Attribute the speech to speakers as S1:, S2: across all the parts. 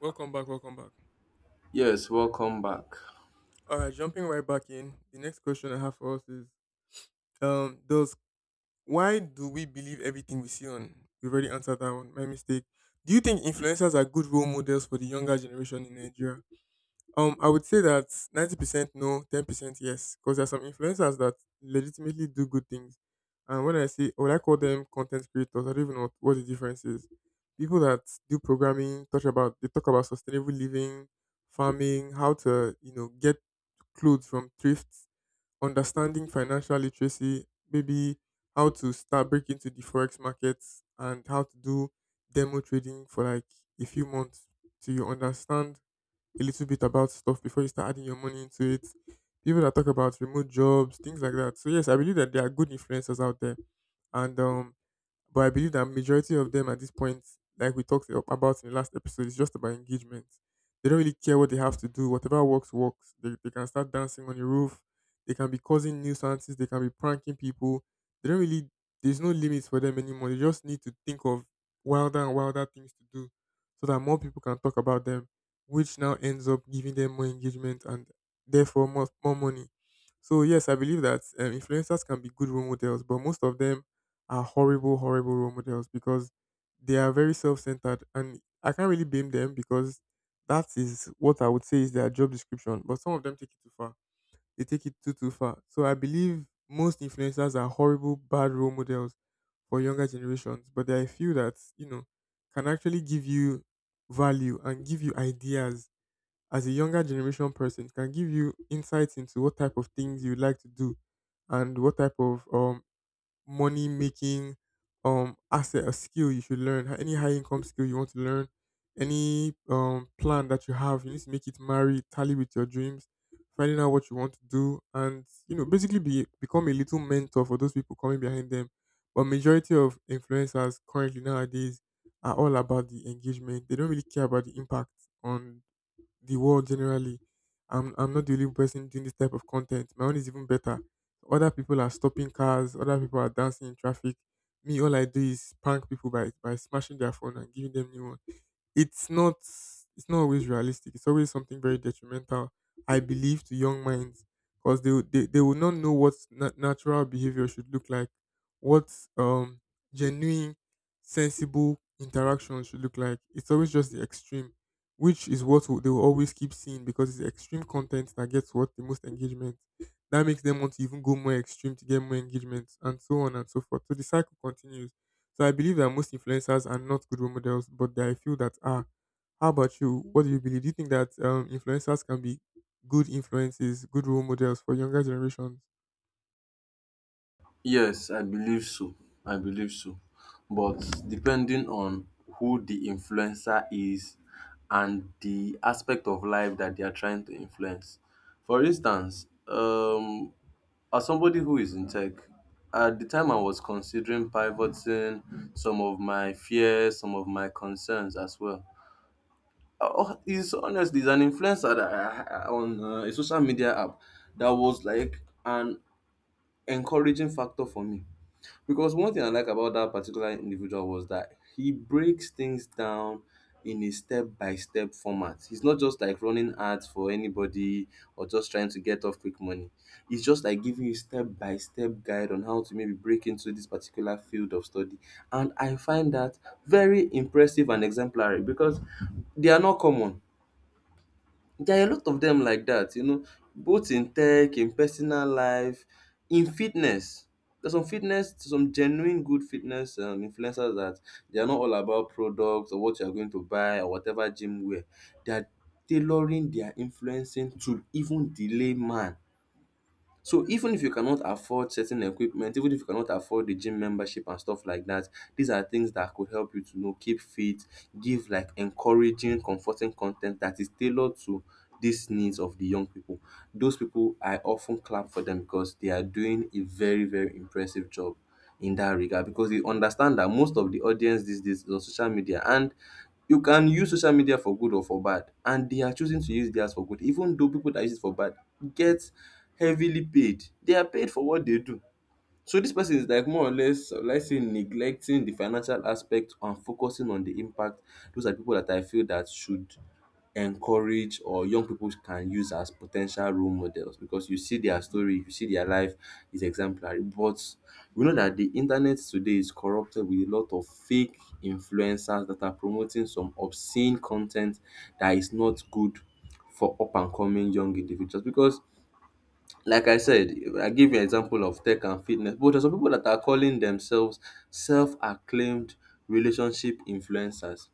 S1: Welcome back, welcome back.
S2: Yes, welcome back.
S1: All right, jumping right back in. The next question I have for us is does why do we believe everything we see on? We've already answered that one. My mistake. Do you think influencers are good role models for the younger generation in Nigeria? I would say that 90% no, 10% yes, because there are some influencers that legitimately do good things. And when I say when I call them content creators, I don't even know what the difference is. People that do programming, talk about sustainable living, farming, how to get clothes from thrifts, understanding financial literacy, maybe how to start breaking into the forex markets and how to do demo trading for like a few months till you understand a little bit about stuff before you start adding your money into it. People that talk about remote jobs, things like that. So yes, I believe that there are good influencers out there, and but I believe that majority of them at this point, like we talked about in the last episode, is just about engagement. They don't really care what they have to do. Whatever works, works. They can start dancing on the roof. They can be causing nuisances. They can be pranking people. They don't really, there's no limits for them anymore. They just need to think of wilder and wilder things to do so that more people can talk about them, which now ends up giving them more engagement and therefore more money. So, yes, I believe that influencers can be good role models, but most of them are horrible role models because they are very self centered. And I can't really blame them because that is what I would say is their job description. But some of them take it too far. They take it too far. So I believe most influencers are horrible, bad role models for younger generations. But there are a few that, you know, can actually give you value and give you ideas as a younger generation person. It can give you insights into what type of things you would like to do and what type of money making asset or skill you should learn, any high income skill you want to learn, any plan that you have. You need to make it tally with your dreams, finding out what you want to do, and you know, basically be become a little mentor for those people coming behind them. But majority of influencers currently nowadays are all about the engagement. They don't really care about the impact on the world generally. I'm not the only person doing this type of content. My own is even better. Other people are stopping cars. Other people are dancing in traffic. Me, all I do is prank people by smashing their phone and giving them new ones. it's not it's not always realistic. It's always something very detrimental, I believe, to young minds because they will not know what natural behavior should look like, what um genuine, sensible interaction should look like. It's always just the extreme, which is what they will always keep seeing because it's the extreme content that gets what the most engagement. That makes them want to even go more extreme to get more engagement, and so on and so forth. So the cycle continues. So I believe that most influencers are not good role models, but there are a few that are. How about you? What do you believe? Do you think that influencers can be good influences, good role models for younger generations?
S2: Yes, I believe so. I believe so. But depending on who the influencer is and the aspect of life that they are trying to influence. For instance, as somebody who is in tech, at the time I was considering pivoting some of my fears, some of my concerns as well. Is honestly is an influencer that on a social media app that was like an encouraging factor for me, because one thing I like about that particular individual was that he breaks things down in a step by step format. He's not just like running ads for anybody or just trying to get off quick money. He's just like giving you step by step guide on how to maybe break into this particular field of study. And I find that very impressive and exemplary because they are not common. There are a lot of them like that, you know, both in tech, in personal life, in fitness. There's some fitness, some genuine good fitness influencers that they are not all about products or what you are going to buy or whatever gym wear. They are tailoring their influencing to even the layman. So even if you cannot afford certain equipment, even if you cannot afford the gym membership and stuff like that, these are things that could help you to you know keep fit, give like encouraging comforting con ten t that is tailored to these needs of the young people. Those people I often clap for them because they are doing a very very impressive job in that regard, because they understand that most of the audience these days is on social media, and you can use social media for good or for bad, and they are choosing to use theirs for good, even though people that use it for bad get heavily paid. They are paid for what they do. So this person is like more or less, let's say, neglecting the financial aspect and focusing on the impact. Those are people that I feel that should encourage, or young people can use as potential role models, because you see their story, you see their life is exemplary. But we know that the internet today is corrupted with a lot of fake influencers that are promoting some obscene content that is not good for up and coming young individuals because, like I said, I give you an example of tech and fitness, but there's some people that are calling themselves self-acclaimed relationship influencers.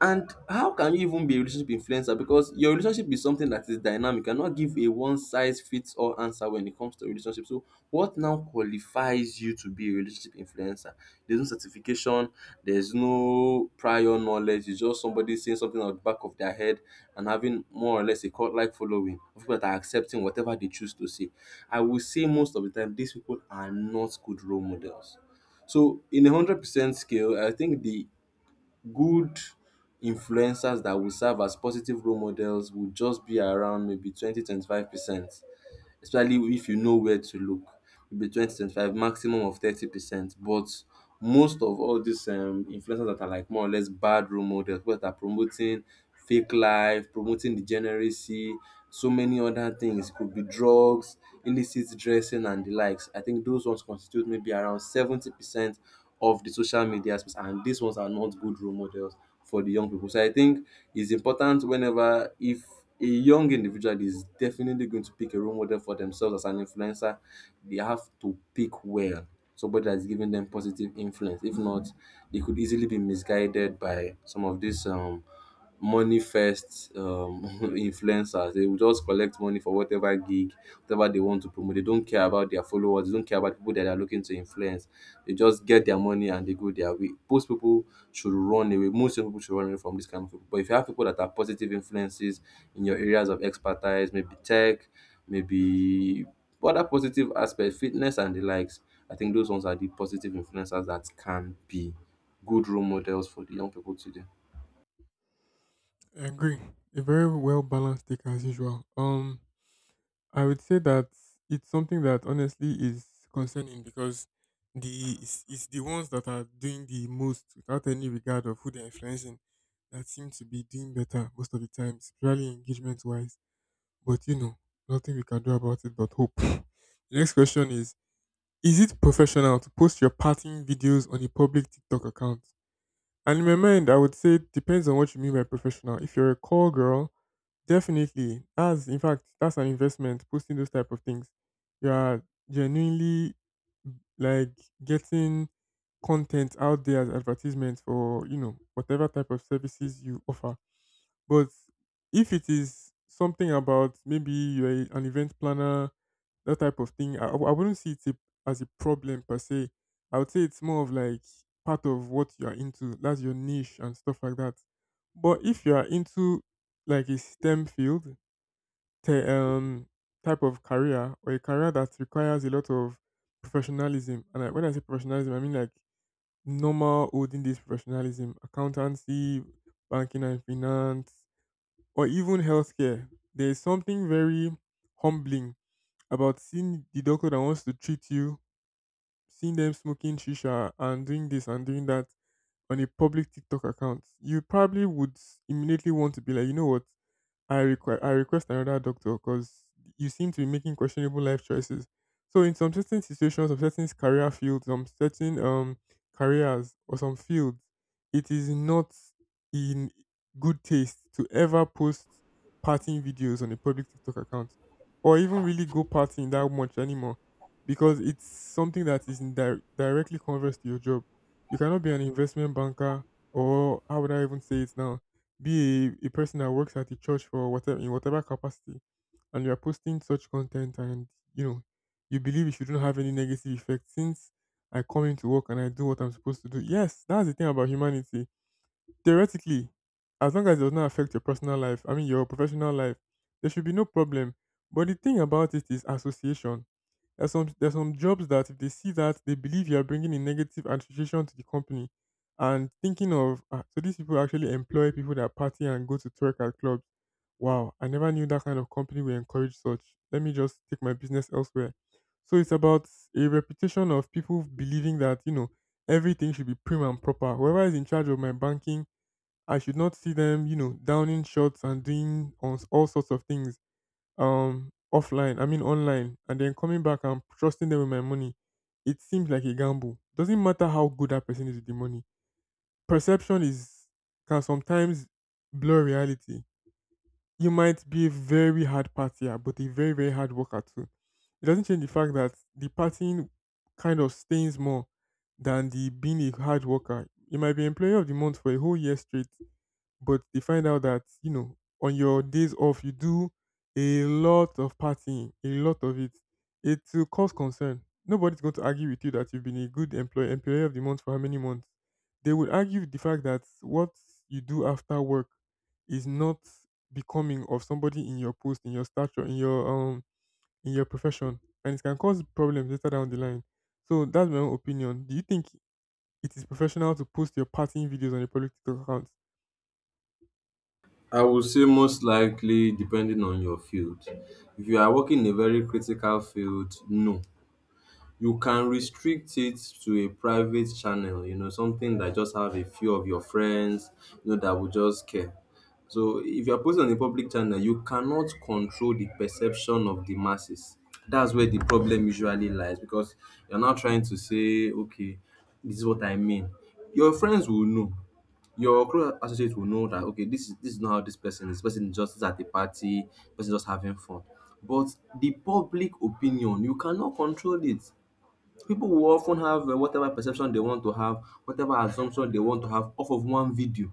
S2: And how can you even be a relationship influencer? Because your relationship is something that is dynamic and not give a one size fits all answer when it comes to relationship. So, what now qualifies you to be a relationship influencer? There's no certification, there's no prior knowledge, it's just somebody saying something out the back of their head and having more or less a cult like following of people that are accepting whatever they choose to say. I will say most of the time, these people are not good role models. So in 100% scale, I think the good influencers that will serve as positive role models would just be around maybe 20 25 percent, especially if you know where to look. It'll be twenty twenty five maximum of 30%, but most of all these influencers that are like more or less bad role models, people that are promoting fake life, promoting degeneracy, so many other things. It could be drugs, illicit dressing and the likes. I think those ones constitute maybe around 70% of the social media space, and these ones are not good role models for the young people. So I think it's important, whenever, if a young individual is definitely going to pick a role model for themselves as an influencer, they have to pick well, somebody that's giving them positive influence. If not, they could easily be misguided by some of these money first influencers. They will just collect money for whatever gig, whatever they want to promote. They don't care about their followers, they don't care about people that they are looking to influence. They just get their money and they go their way. Most people should run away, most young people should run away from this kind of people. But if you have people that are positive influences in your areas of expertise, maybe tech, maybe other positive aspects, fitness and the likes, I think those ones are the positive influencers that can be good role models for the young people today.
S1: I agree. A very well balanced take as usual. I would say that it's something that honestly is concerning because the it's the ones that are doing the most without any regard of who they're influencing that seem to be doing better most of the time, especially engagement wise. But you know, nothing we can do about it but hope. The next question is it professional to post your partying videos on a public TikTok account? And in my mind, I would say it depends on what you mean by professional. If you're a call girl, definitely. That's in fact That's an investment posting those type of things. You are genuinely like getting content out there as advertisements for you know whatever type of services you offer. But if it is something about maybe you're an event planner, that type of thing, I wouldn't see it as a problem per se. I would say it's more of like part of what you're into. That's your niche and stuff like that. But if you're into like a STEM field, te- um, type of career or a career that requires a lot of professionalism. And when I say professionalism, I mean like normal olden days professionalism, accountancy, banking and finance, or even healthcare, there is something very humbling about seeing the doctor that wants to treat you, seeing them smoking shisha and doing this and doing that on a public TikTok account. You probably would immediately want to be like, you know what? I request another doctor because you seem to be making questionable life choices. So in some certain situations, of certain career fields, some certain careers or some fields, it is not in good taste to ever post partying videos on a public TikTok account, or even really go partying that much anymore, because it's something that is in directly converse to your job. You cannot be an investment banker, or how would I even say it now? Be a person that works at the church for whatever in whatever capacity and you are posting such content and you know you believe it shouldn't have any negative effect since I come into work and I do what I'm supposed to do. Yes, that's the thing about humanity. Theoretically, as long as it does not affect your personal life, I mean your professional life, there should be no problem. But the thing about it is association. There's some jobs that if they see that they believe you are bringing a negative association to the company, and thinking of, "Ah, so these people actually employ people that party and go to twerk at clubs. Wow, I never knew that kind of company would encourage such. Let me just take my business elsewhere." So it's about a reputation of people believing that you know everything should be prim and proper. Whoever is in charge of my banking, I should not see them you know downing shots and doing all sorts of things offline I mean online and then coming back and trusting them with my money. It seems like a gamble. Doesn't matter how good that person is with the money, perception is can sometimes blur reality. You might be a very hard partier but a very hard worker too. It doesn't change the fact that the partying kind of stains more than the being a hard worker. You might be employee of the month for a whole year straight, but they find out that, you know, on your days off, you do a lot of partying, a lot of it. It will cause concern. Nobody's going to argue with you that you've been a good employee, employee of the month for how many months. They will argue with the fact that what you do after work is not becoming of somebody in your post, in your stature, in your profession, and it can cause problems later down the line. So that's my own opinion. Do you think it is professional to post your partying videos on a public TikTok account?
S2: I would say most likely depending on your field. If you are working in a very critical field, no. You can restrict it to a private channel, you know, something that just have a few of your friends, you know, that will just care. So if you're posting on a public channel, you cannot control the perception of the masses. That's where the problem usually lies, because you're not trying to say, okay, this is what I mean. Your friends will know, your close associates will know that, okay, this is, this is not how this person is. This person is just at the party, this person just having fun. But the public opinion, you cannot control it. People will often have whatever perception they want to have, whatever assumption they want to have off of one video.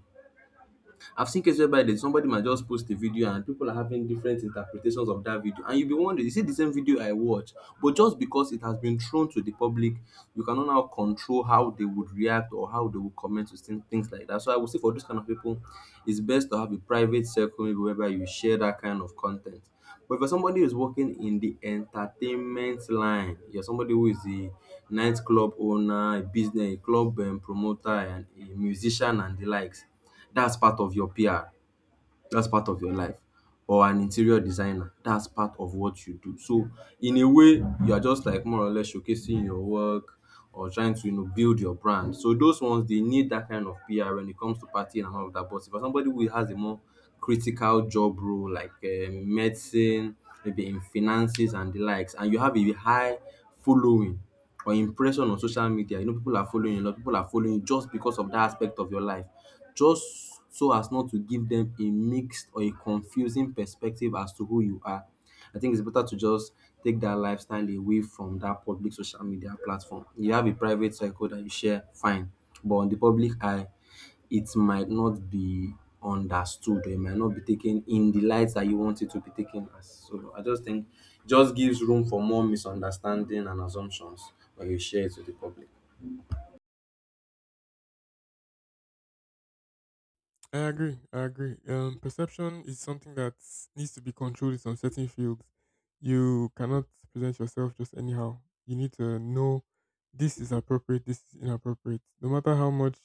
S2: I've seen cases whereby there's somebody might just post a video and people are having different interpretations of that video. And you'll be wondering, is it the same video I watched? But just because it has been thrown to the public, you cannot now control how they would react or how they would comment to things like that. So I would say for those kind of people, it's best to have a private circle maybe whereby you share that kind of content. But for somebody who's working in the entertainment line, you're somebody who is a nightclub owner, a business, a club promoter, and a musician and the likes, that's part of your PR. That's part of your life. Or an interior designer. That's part of what you do. So in a way, you are just like more or less showcasing your work or trying to you know build your brand. So those ones they need that kind of PR when it comes to partying and all of that. But for somebody who has a more critical job role like medicine, maybe in finances and the likes, and you have a high following or impression on social media, you know people are following you, a lot of people are following you just because of that aspect of your life. Just so as not to give them a mixed or a confusing perspective as to who you are, I think it's better to just take that lifestyle away from that public social media platform. You have a private circle that you share, fine, but on the public eye, it might not be understood or it might not be taken in the light that you want it to be taken as. So I just think it just gives room for more misunderstanding and assumptions when you share it to the public.
S1: I agree. I agree. Perception is something that needs to be controlled in some certain fields. You cannot present yourself just anyhow. You need to know this is appropriate, this is inappropriate. No matter how much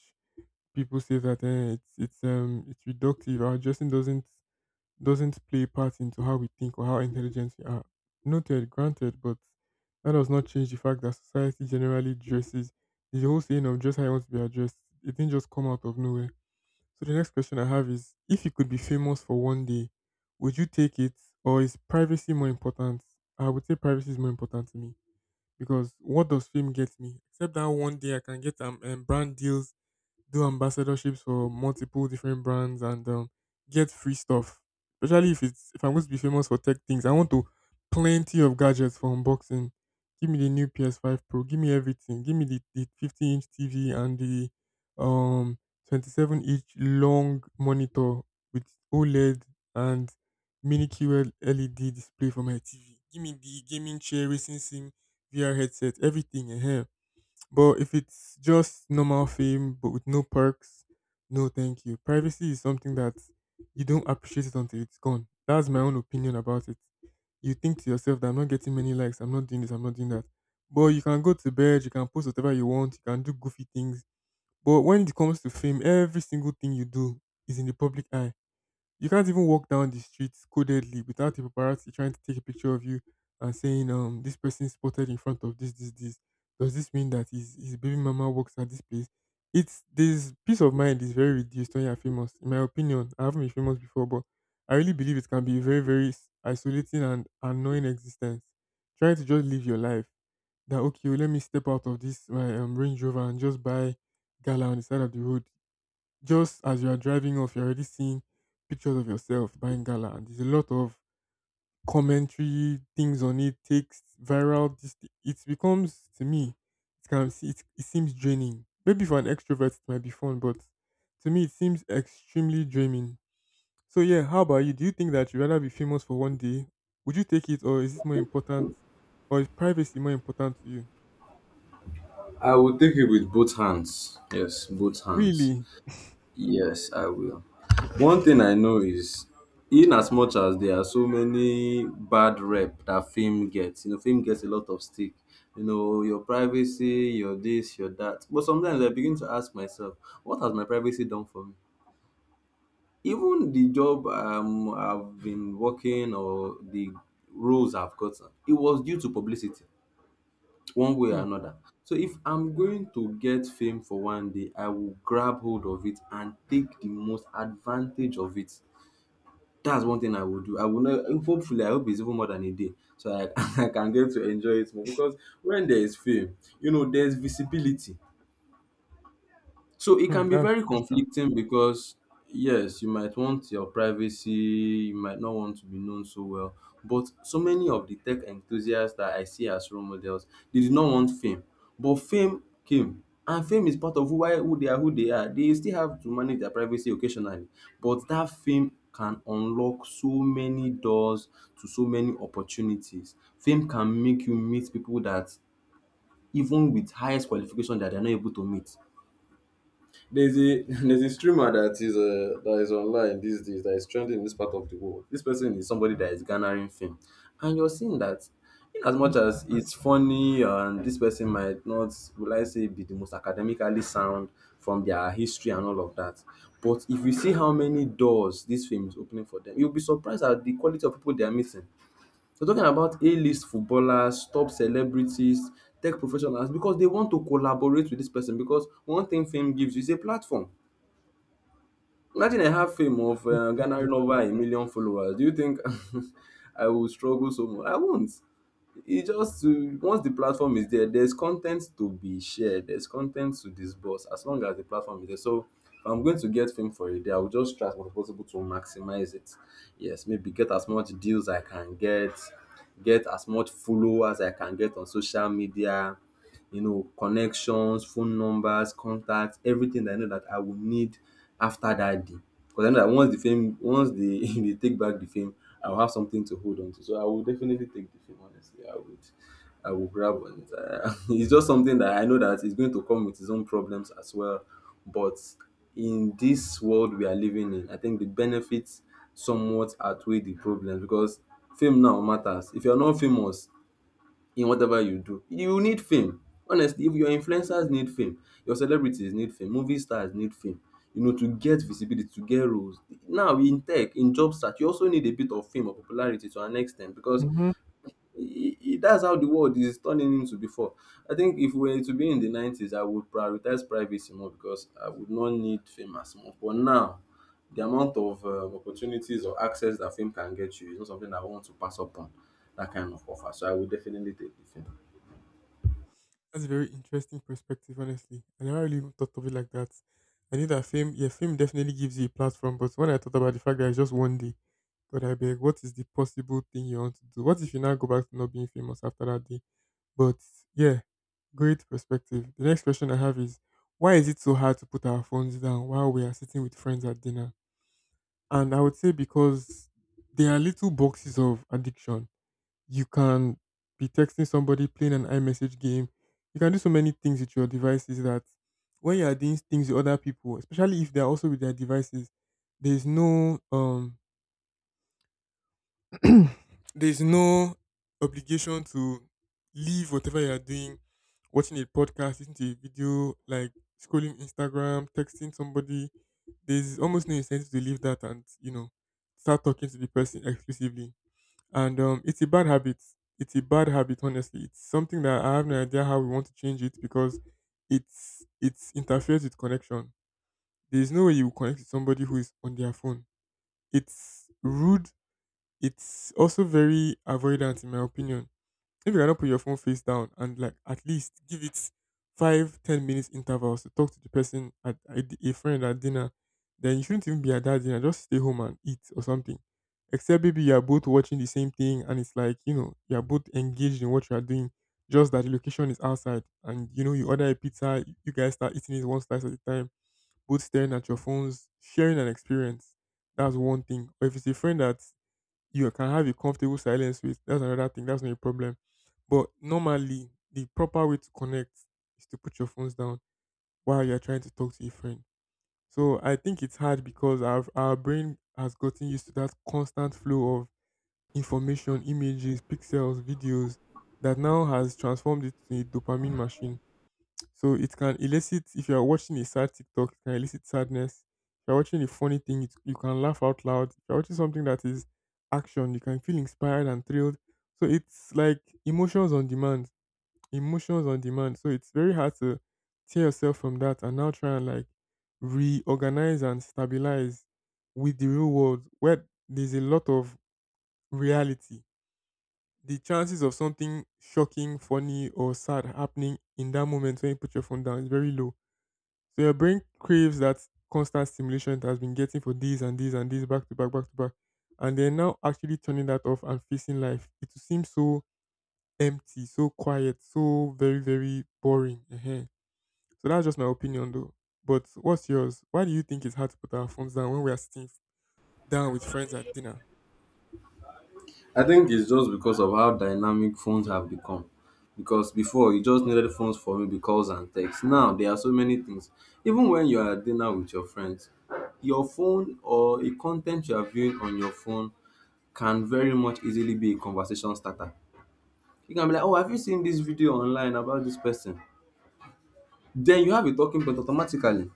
S1: people say that it's reductive. Our dressing doesn't play a part into how we think or how intelligent we are. Noted, granted, but that does not change the fact that society generally dresses. There's a whole saying of dress how you want to be addressed. It didn't just come out of nowhere. So the next question I have is, if you could be famous for one day, would you take it, or is privacy more important? I would say privacy is more important to me because what does fame get me? Except that one day I can get brand deals, do ambassadorships for multiple different brands and get free stuff. Especially if it's if I'm going to be famous for tech things, I want to plenty of gadgets for unboxing. Give me the new PS5 Pro. Give me everything. Give me the 50" inch TV and the um 27" inch long monitor with OLED and mini QL LED display for my TV. Give me the gaming chair, racing sim, VR headset, everything. Eh. But if it's just normal fame but with no perks, no thank you. Privacy is something that you don't appreciate it until it's gone. That's my own opinion about it. You think to yourself that I'm not getting many likes, I'm not doing this, I'm not doing that. But you can go to bed, you can post whatever you want, you can do goofy things. But when it comes to fame, every single thing you do is in the public eye. You can't even walk down the street codedly without a paparazzi trying to take a picture of you and saying, this person spotted in front of this, this, this. Does this mean that his baby mama works at this place? It's this peace of mind is very reduced when you're famous. In my opinion, I haven't been famous before, but I really believe it can be a very, isolating and annoying existence. Trying to just live your life. That okay, oh, let me step out of this my Range Rover and just buy gala on the side of the road. Just as you are driving off, you're already seeing pictures of yourself buying gala, and there's a lot of commentary, things on it, takes viral. It becomes to me, it seems draining. Maybe for an extrovert it might be fun, but to me it seems extremely draining. So yeah, how about you? Do you think that you'd rather be famous for one day? Would you take it, or is it more important, or is privacy more important to you?
S2: I would take it with both hands. Yes, both hands.
S1: Really?
S2: Yes, I will. One thing I know is, in as much as there are so many bad rep that fame gets, you know, fame gets a lot of stick. You know, your privacy, your this, your that. But sometimes I begin to ask myself, what has my privacy done for me? Even the job I've been working, or the roles I've gotten, it was due to publicity one way or
S1: Hmm.
S2: another. So if I'm going to get fame for 1 day, I will grab hold of it and take the most advantage of it. That's one thing I will do. I will not, hopefully I hope it's even more than a day. So I can get to enjoy it more. Because when there is fame, you know, there's visibility. So it
S1: Hmm.
S2: can be
S1: That's
S2: very
S1: crucial.
S2: conflicting because yes, you might want your privacy, you might not want to be known so well. But so many of the tech enthusiasts that I see as role models, they did not want fame. But fame came. And fame is part of who they are. They still have to manage their privacy occasionally. But that fame can unlock so many doors to so many opportunities. Fame can make you meet people that even with highest qualification that they're not able to meet. There's a there's a streamer that is online these days that is trending in this part of the world. This person is somebody that is garnering fame, and you're seeing that in as
S1: Mhm.
S2: much as it's funny and this person might not, will I say, be the most academically sound from their history and all of that, but if you see how many doors this fame is opening for them, you'll be surprised at the quality of people they are meeting. We're talking about A-list footballers, top celebrities, tech professionals, because they want to collaborate with this person because one thing fame gives you is a platform. Imagine I have fame of
S1: Definitely.
S2: garnering over a million followers. Do you think I will struggle so much? I won't e, just to, once the platform is there, there's content to be shared, there's content to disburse, as long as the platform is there. So if I'm going to get fame for a day, I will just try as much as possible to maximize it. Yes, maybe get as much deals I can get as much followers I can get on social media, you know, connections, phone numbers, contacts, everything that I know that I will need after that day. Because I know that once the fame, once they they take back the fame, I'll have something to hold on to. So I will definitely take the fame, honestly. I would, I will grab on it. It's just something that I know that is going to come with its own problems as well. But in this world we are living in, I think the benefits somewhat outweigh the problems, because fame now matters. If you're not famous, in whatever you do. You need fame. Honestly, if your influencers need fame, your celebrities need fame, movie stars need fame, you know, to get visibility, to get roles. Now, in tech, in job search, you also need a bit of fame or popularity to an extent because
S1: Mhm.
S2: that's how the world is turning into before. I think if we were to be in the 90s, I would prioritize privacy more because I would not need fame as much. But now, the amount of opportunities or access that fame can get you is not something I want to pass up on, that kind of offer. So I would definitely take the fame.
S1: That's a very interesting perspective, honestly. I never really even thought of it like that. I knew that fame, yeah, fame definitely gives you a platform, but when I thought about the fact that it's just one day, God, I beg, what is the possible thing you want to do? What if you now go back to not being famous after that day? But yeah, great perspective. The next question I have is why is it so hard to put our phones down while we are sitting with friends at dinner? And I would say because there are little boxes of addiction. You can be texting somebody, playing an iMessage game. You can do so many things with your devices that when you are doing things with other people, especially if they are also with their devices, there is no there is no obligation to leave whatever you are doing, watching a podcast, listening to a video, like scrolling Instagram, texting somebody. There's almost no incentive to leave that and you know start talking to the person exclusively. And it's a bad habit. It's a bad habit, honestly. It's something that I have no idea how we want to change it because it's interferes with connection. There's no way you will connect with somebody who is on their phone. It's rude. It's also very avoidant, in my opinion. If you cannot put your phone face down and like at least give it five ten minutes intervals to talk to the person a friend at dinner, then you shouldn't even be at that dinner. Just stay home and eat or something, except maybe you are both watching the same thing and it's like you know you are both engaged in what you are doing, just that the location is outside and you know you order a pizza, you guys start eating it one slice at a time, both staring at your phones sharing an experience. That's one thing. But if it's a friend that you can have a comfortable silence with, that's another thing. That's not a problem. But normally, the proper way to connect is to put your phones down while you're trying to talk to a friend. So I think it's hard because our brain has gotten used to that constant flow of information, images, pixels, videos that now has transformed it to a dopamine machine, so it can elicit, if you are watching a sad TikTok, it can elicit sadness. If you're watching a funny thing, it, you can laugh out loud. If you're watching something that is action, you can feel inspired and thrilled. So it's like emotions on demand. Emotions on demand. So it's very hard to tear yourself from that and now try and like reorganize and stabilize with the real world where there's a lot of reality. The chances of something shocking, funny, or sad happening in that moment when you put your phone down is very low, so your brain craves that constant stimulation it has been getting for these and these and these back to back, back to back. And then now actually turning that off and facing life, it will seem so empty, so quiet, so very, very boring. Ehen. So that's just my opinion though. But what's yours? Why do you think it's hard to put our phones down when we are sitting down with friends at dinner?
S2: I think it's just because of how dynamic phones have become. Because before, you just needed phones for maybe calls and texts. Now there are so many things. Even when you are at dinner with your friends, your phone, or a content you are viewing on your phone, can very much easily be a conversation starter. You can be like, oh, have you seen this video online about this person? Then you have a talking point automatically.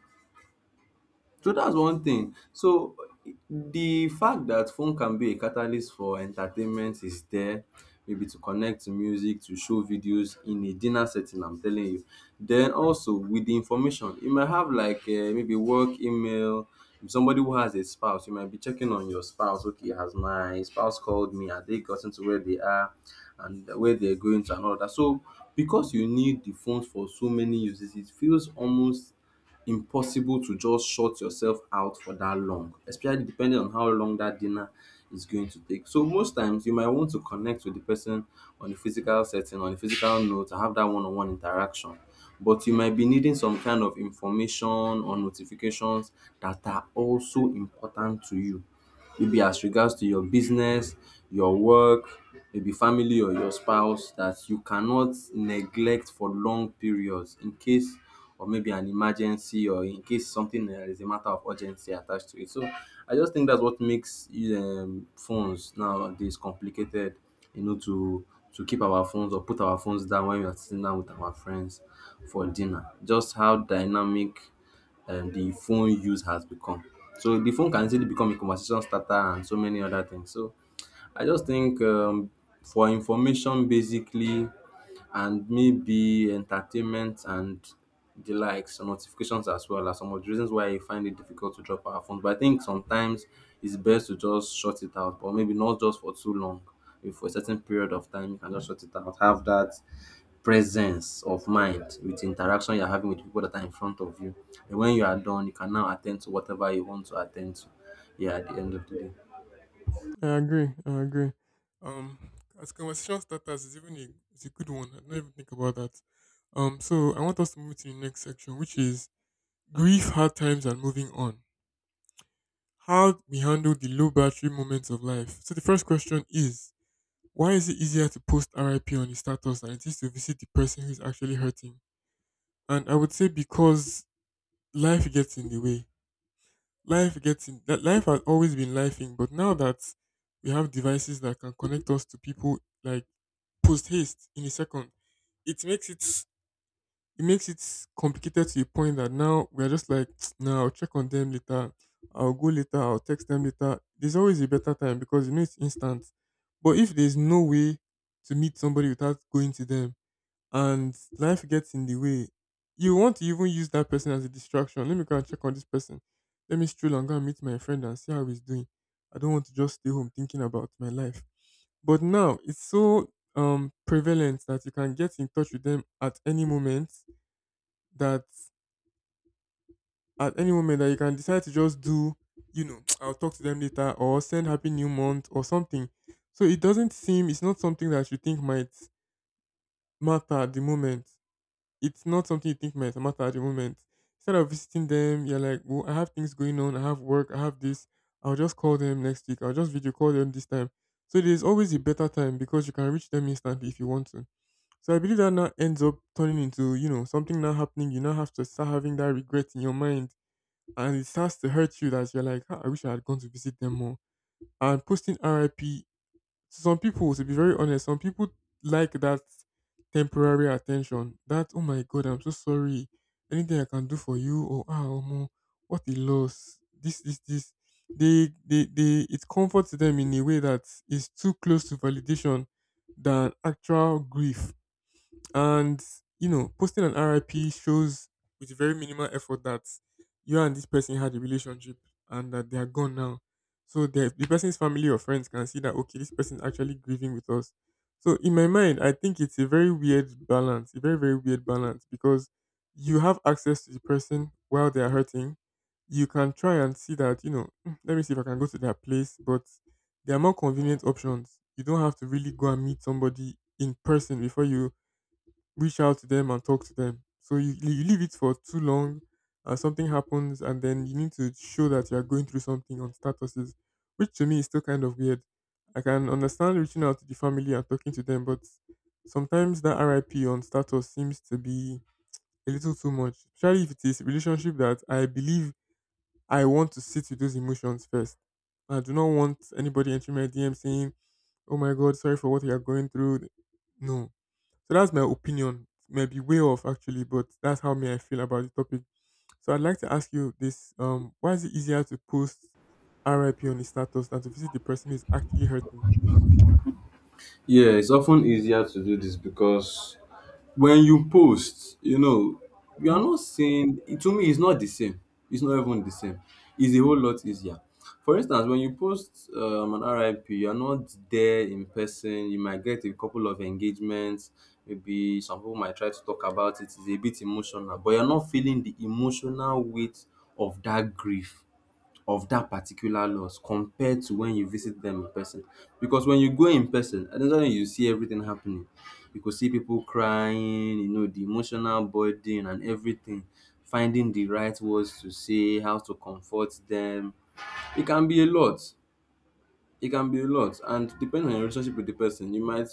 S1: Mm,
S2: So that's
S1: that's true.
S2: one thing. So the fact that phone can be a catalyst for entertainment is there, maybe to connect to music, to show videos in a dinner setting, I'm telling you. Then also with the information, you might have like maybe work email. If somebody who has a spouse, you might be checking on your spouse. Okay, has my spouse called me? Have they gotten to where they are, and where they're going to, and all that? So because you need the phone for so many uses, it feels almost impossible to just shut yourself out for that long, especially depending on how long that dinner is going to take. So most times you might want to connect with the person on a physical setting, on a physical note, to have that one-on-one interaction. But you might be needing some kind of information or notifications that are also important to you, maybe as regards to your business, your work, maybe family or your spouse, that you cannot neglect for long periods, in case, or maybe an emergency, or in case something is a matter of urgency attached to it. So I just think that's what makes phones nowadays complicated, you know, to keep our phones, or put our phones down when we are sitting down with our friends for dinner. Just how dynamic the phone use has become. So the phone can easily become a conversation starter and so many other things. So I just think, for information basically, and maybe entertainment and the likes, some notifications, as well as some of the reasons why you find it difficult to drop our phones. But I think sometimes it's best to just shut it out, but maybe not just for too long. If for a certain period of time, you can just shut it out. Have that presence of mind with the interaction you're having with people that are in front of you. And when you are done, you can now attend to whatever you want to attend to. Yeah, at the end of the day.
S1: I agree. I agree. Um, as conversation starters is even a, it's a good one. I do not even think about that. So I want us to move to the next section, which is grief, hard times, and moving on. How we handle the low battery moments of life. So the first question is why is it easier to post RIP on the status than it is to visit the person who's actually hurting? And I would say because life gets in the way. Life gets in that, life has always been lifing, but now that we have devices that can connect us to people like post haste in a second, it makes it it makes it complicated to a point that now we're just like, now I'll check on them later. I'll go later. I'll text them later. There's always a better time because you know it's instant. But if there's no way to meet somebody without going to them and life gets in the way, you want to even use that person as a distraction. Let me go and check on this person. Let me stroll and go and meet my friend and see how he's doing. I don't want to just stay home thinking about my life. But now it's so prevalent that you can get in touch with them at any moment, that at any moment that you can decide to just do, you know, I'll talk to them later or send happy new month or something. So it doesn't seem, it's not something that you think might matter at the moment. It's not something you think might matter at the moment. Instead of visiting them, you're like, well, I have things going on, I have work, I have this. I'll just call them next week. I'll just video call them this time. So there's always a better time because you can reach them instantly if you want to. So I believe that now ends up turning into, you know, something now happening. You now have to start having that regret in your mind, and it starts to hurt you that you're like, "Ah, I wish I had gone to visit them more." And posting RIP, some people, to be very honest, some people like that temporary attention. That, oh my God, I'm so sorry. Anything I can do for you, or ah, omo, what a loss. This, this, this. It comforts them in a way that is too close to validation than actual grief. And you know, posting an RIP shows with very minimal effort that you and this person had a relationship and that they are gone now. So the person's family or friends can see that okay, this person is actually grieving with us. So in my mind, I think it's a very weird balance, a very very weird balance because you have access to the person while they are hurting. You can try and see that you know, "Mm, let me see if I can go to their place," but there are more convenient options. You don't have to really go and meet somebody in person before you reach out to them and talk to them. So you leave it for too long and something happens and then you need to show that you're going through something on statuses, which to me is still kind of weird. I can understand reaching out to the family and talking to them, but sometimes that RIP on status seems to be a little too much, especially if it is a relationship that I believe I want to sit with those emotions first. I do not want anybody entering my DM saying, oh my God, sorry for what you are going through. No, so that's my opinion. Might be way off actually, but that's how me I feel about the topic. So I'd like to ask you this: why is it easier to post RIP on the status than to visit the person who's actually hurting?
S2: Yeah, it's often easier to do this because when you post, you know, you are not saying it to me, it's not the same. It's not even the same. It's a whole lot easier. For instance, when you post an RIP, you're not there in person. You might get a couple of engagements. Maybe some people might try to talk about it. It's a bit emotional, but you're not feeling the emotional weight of that grief, of that particular loss, compared to when you visit them in person. Because when you go in person, at the end of the day, you see everything happening. You could see people crying, you know, the emotional burden and everything, finding the right words to say, how to comfort them. It can be a lot. It can be a lot, and depending on your relationship with the person, you might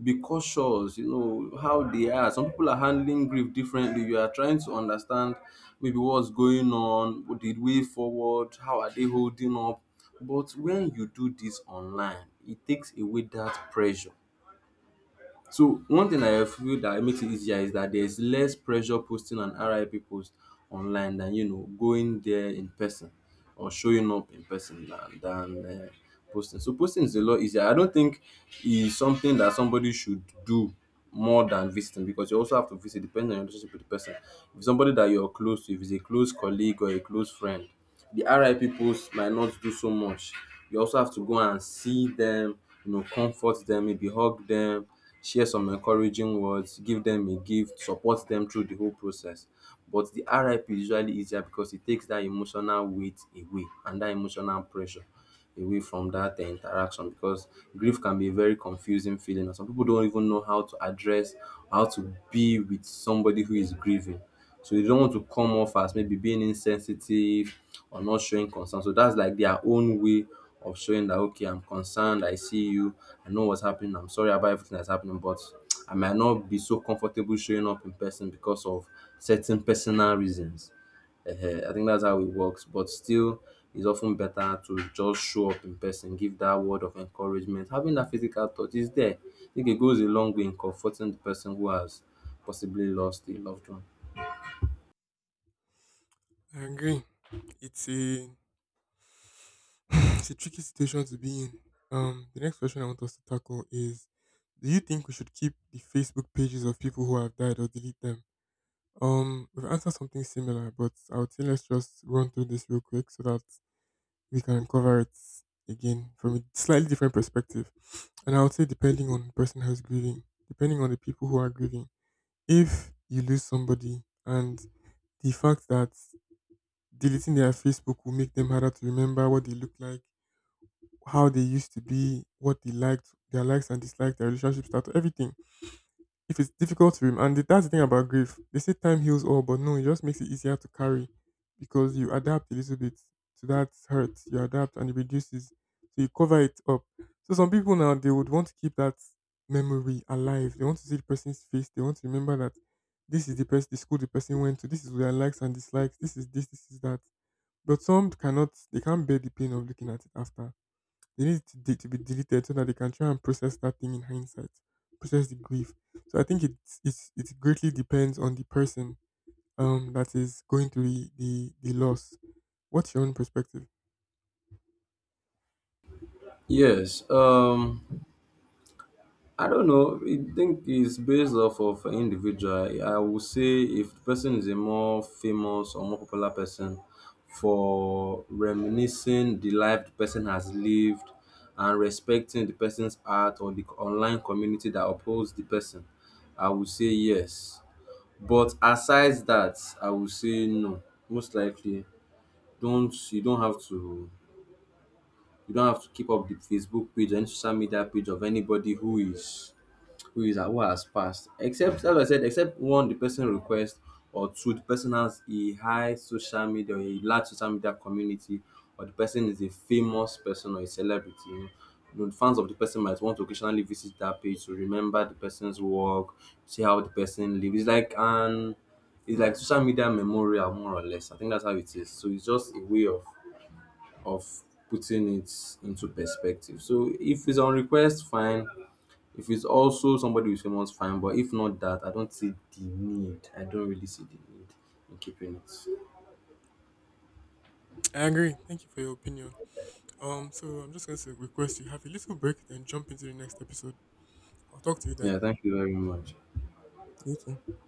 S2: be cautious. You know how they are. Some people are handling grief differently. You are trying to understand maybe what's going on, the way forward, how are they holding up. But when you do this online, it takes away that pressure. So one thing I feel that makes it easier is that there's less pressure posting an RIP post online than, you know, going there in person or showing up in person, than posting. So posting is a lot easier. I don't think it's something that somebody should do more than visiting, because you also have to visit depending on your relationship with the person. If it's somebody that you're close to, if it's a close colleague or a close friend, the RIP post might not do so much. You also have to go and see them, you know, comfort them, maybe hug them, share some encouraging words, give them a gift, support them through the whole process. But the RIP is usually easier because it takes that emotional weight away and that emotional pressure away from that interaction, because grief can be a very confusing feeling and some people don't even know how to address, how to be with somebody who is grieving. So you don't want to come off as maybe being insensitive or not showing concern. So that's like their own way of showing that, okay, I'm concerned, I see you, I know what's happening, I'm sorry about everything that's happening, but I might not be so comfortable showing up in person because of certain personal reasons. Ehen, I think that's how it works, but still it's often better to just show up in person, give that word of encouragement. Having that physical touch is there. I think it goes a long way in comforting the person who has possibly lost a loved one.
S1: I agree. It's a it's a tricky situation to be in. The next question I want us to tackle is: do you think we should keep the Facebook pages of people who have died or delete them? We've answered something similar, but I would say let's just run through this real quick so that we can cover it again from a slightly different perspective. And I would say, depending on the person who's grieving, depending on the people who are grieving, if you lose somebody, and the fact that deleting their Facebook will make them harder to remember what they look like, how they used to be, what they liked, their likes and dislikes, their relationship status, everything, if it's difficult to remember, and that's the thing about grief. They say time heals all, but no, it just makes it easier to carry because you adapt a little bit to that hurt. You adapt and it reduces, so you cover it up. So some people now they would want to keep that memory alive. They want to see the person's face. They want to remember that this is the person, the school the person went to. This is their likes and dislikes. This is this. This is that. But some cannot. They can't bear the pain of looking at it after. They need it to be deleted so that they can try and process that thing in hindsight, process the grief. So I think it greatly depends on the person that is going through the loss. What's your own perspective?
S2: Yes, I don't know. I think it's based off of an individual. I would say if the person is a more famous or more popular person, for reminiscing the life the person has lived and respecting the person's art or the online community that upholds the person, I would say yes. But aside that, I would say no. Most likely, don't you don't have to you don't have to keep up the Facebook page, any social media page of anybody who is praise and what has passed, except, as I said, except one, the person request, or two, the person has a high social media or a large social media community, or the person is a famous person or a celebrity, you know. You, fans of the person, might want to occasionally visit that page to remember the person's work, see how the person lives. It's like an, it's like social media memorial, more or less. I think that's how it is. So it's just a way of of putting it into perspective. So if it's on request, fine. If it's also somebody with famous, fine. But if not that, I don't see the need. I don't really see the need in keeping it.
S1: I agree. Thank you for your opinion. So I'm just going to request you have a little break, then jump into the next episode. I'll talk to you then.
S2: Yeah, thank you very much.
S1: You too.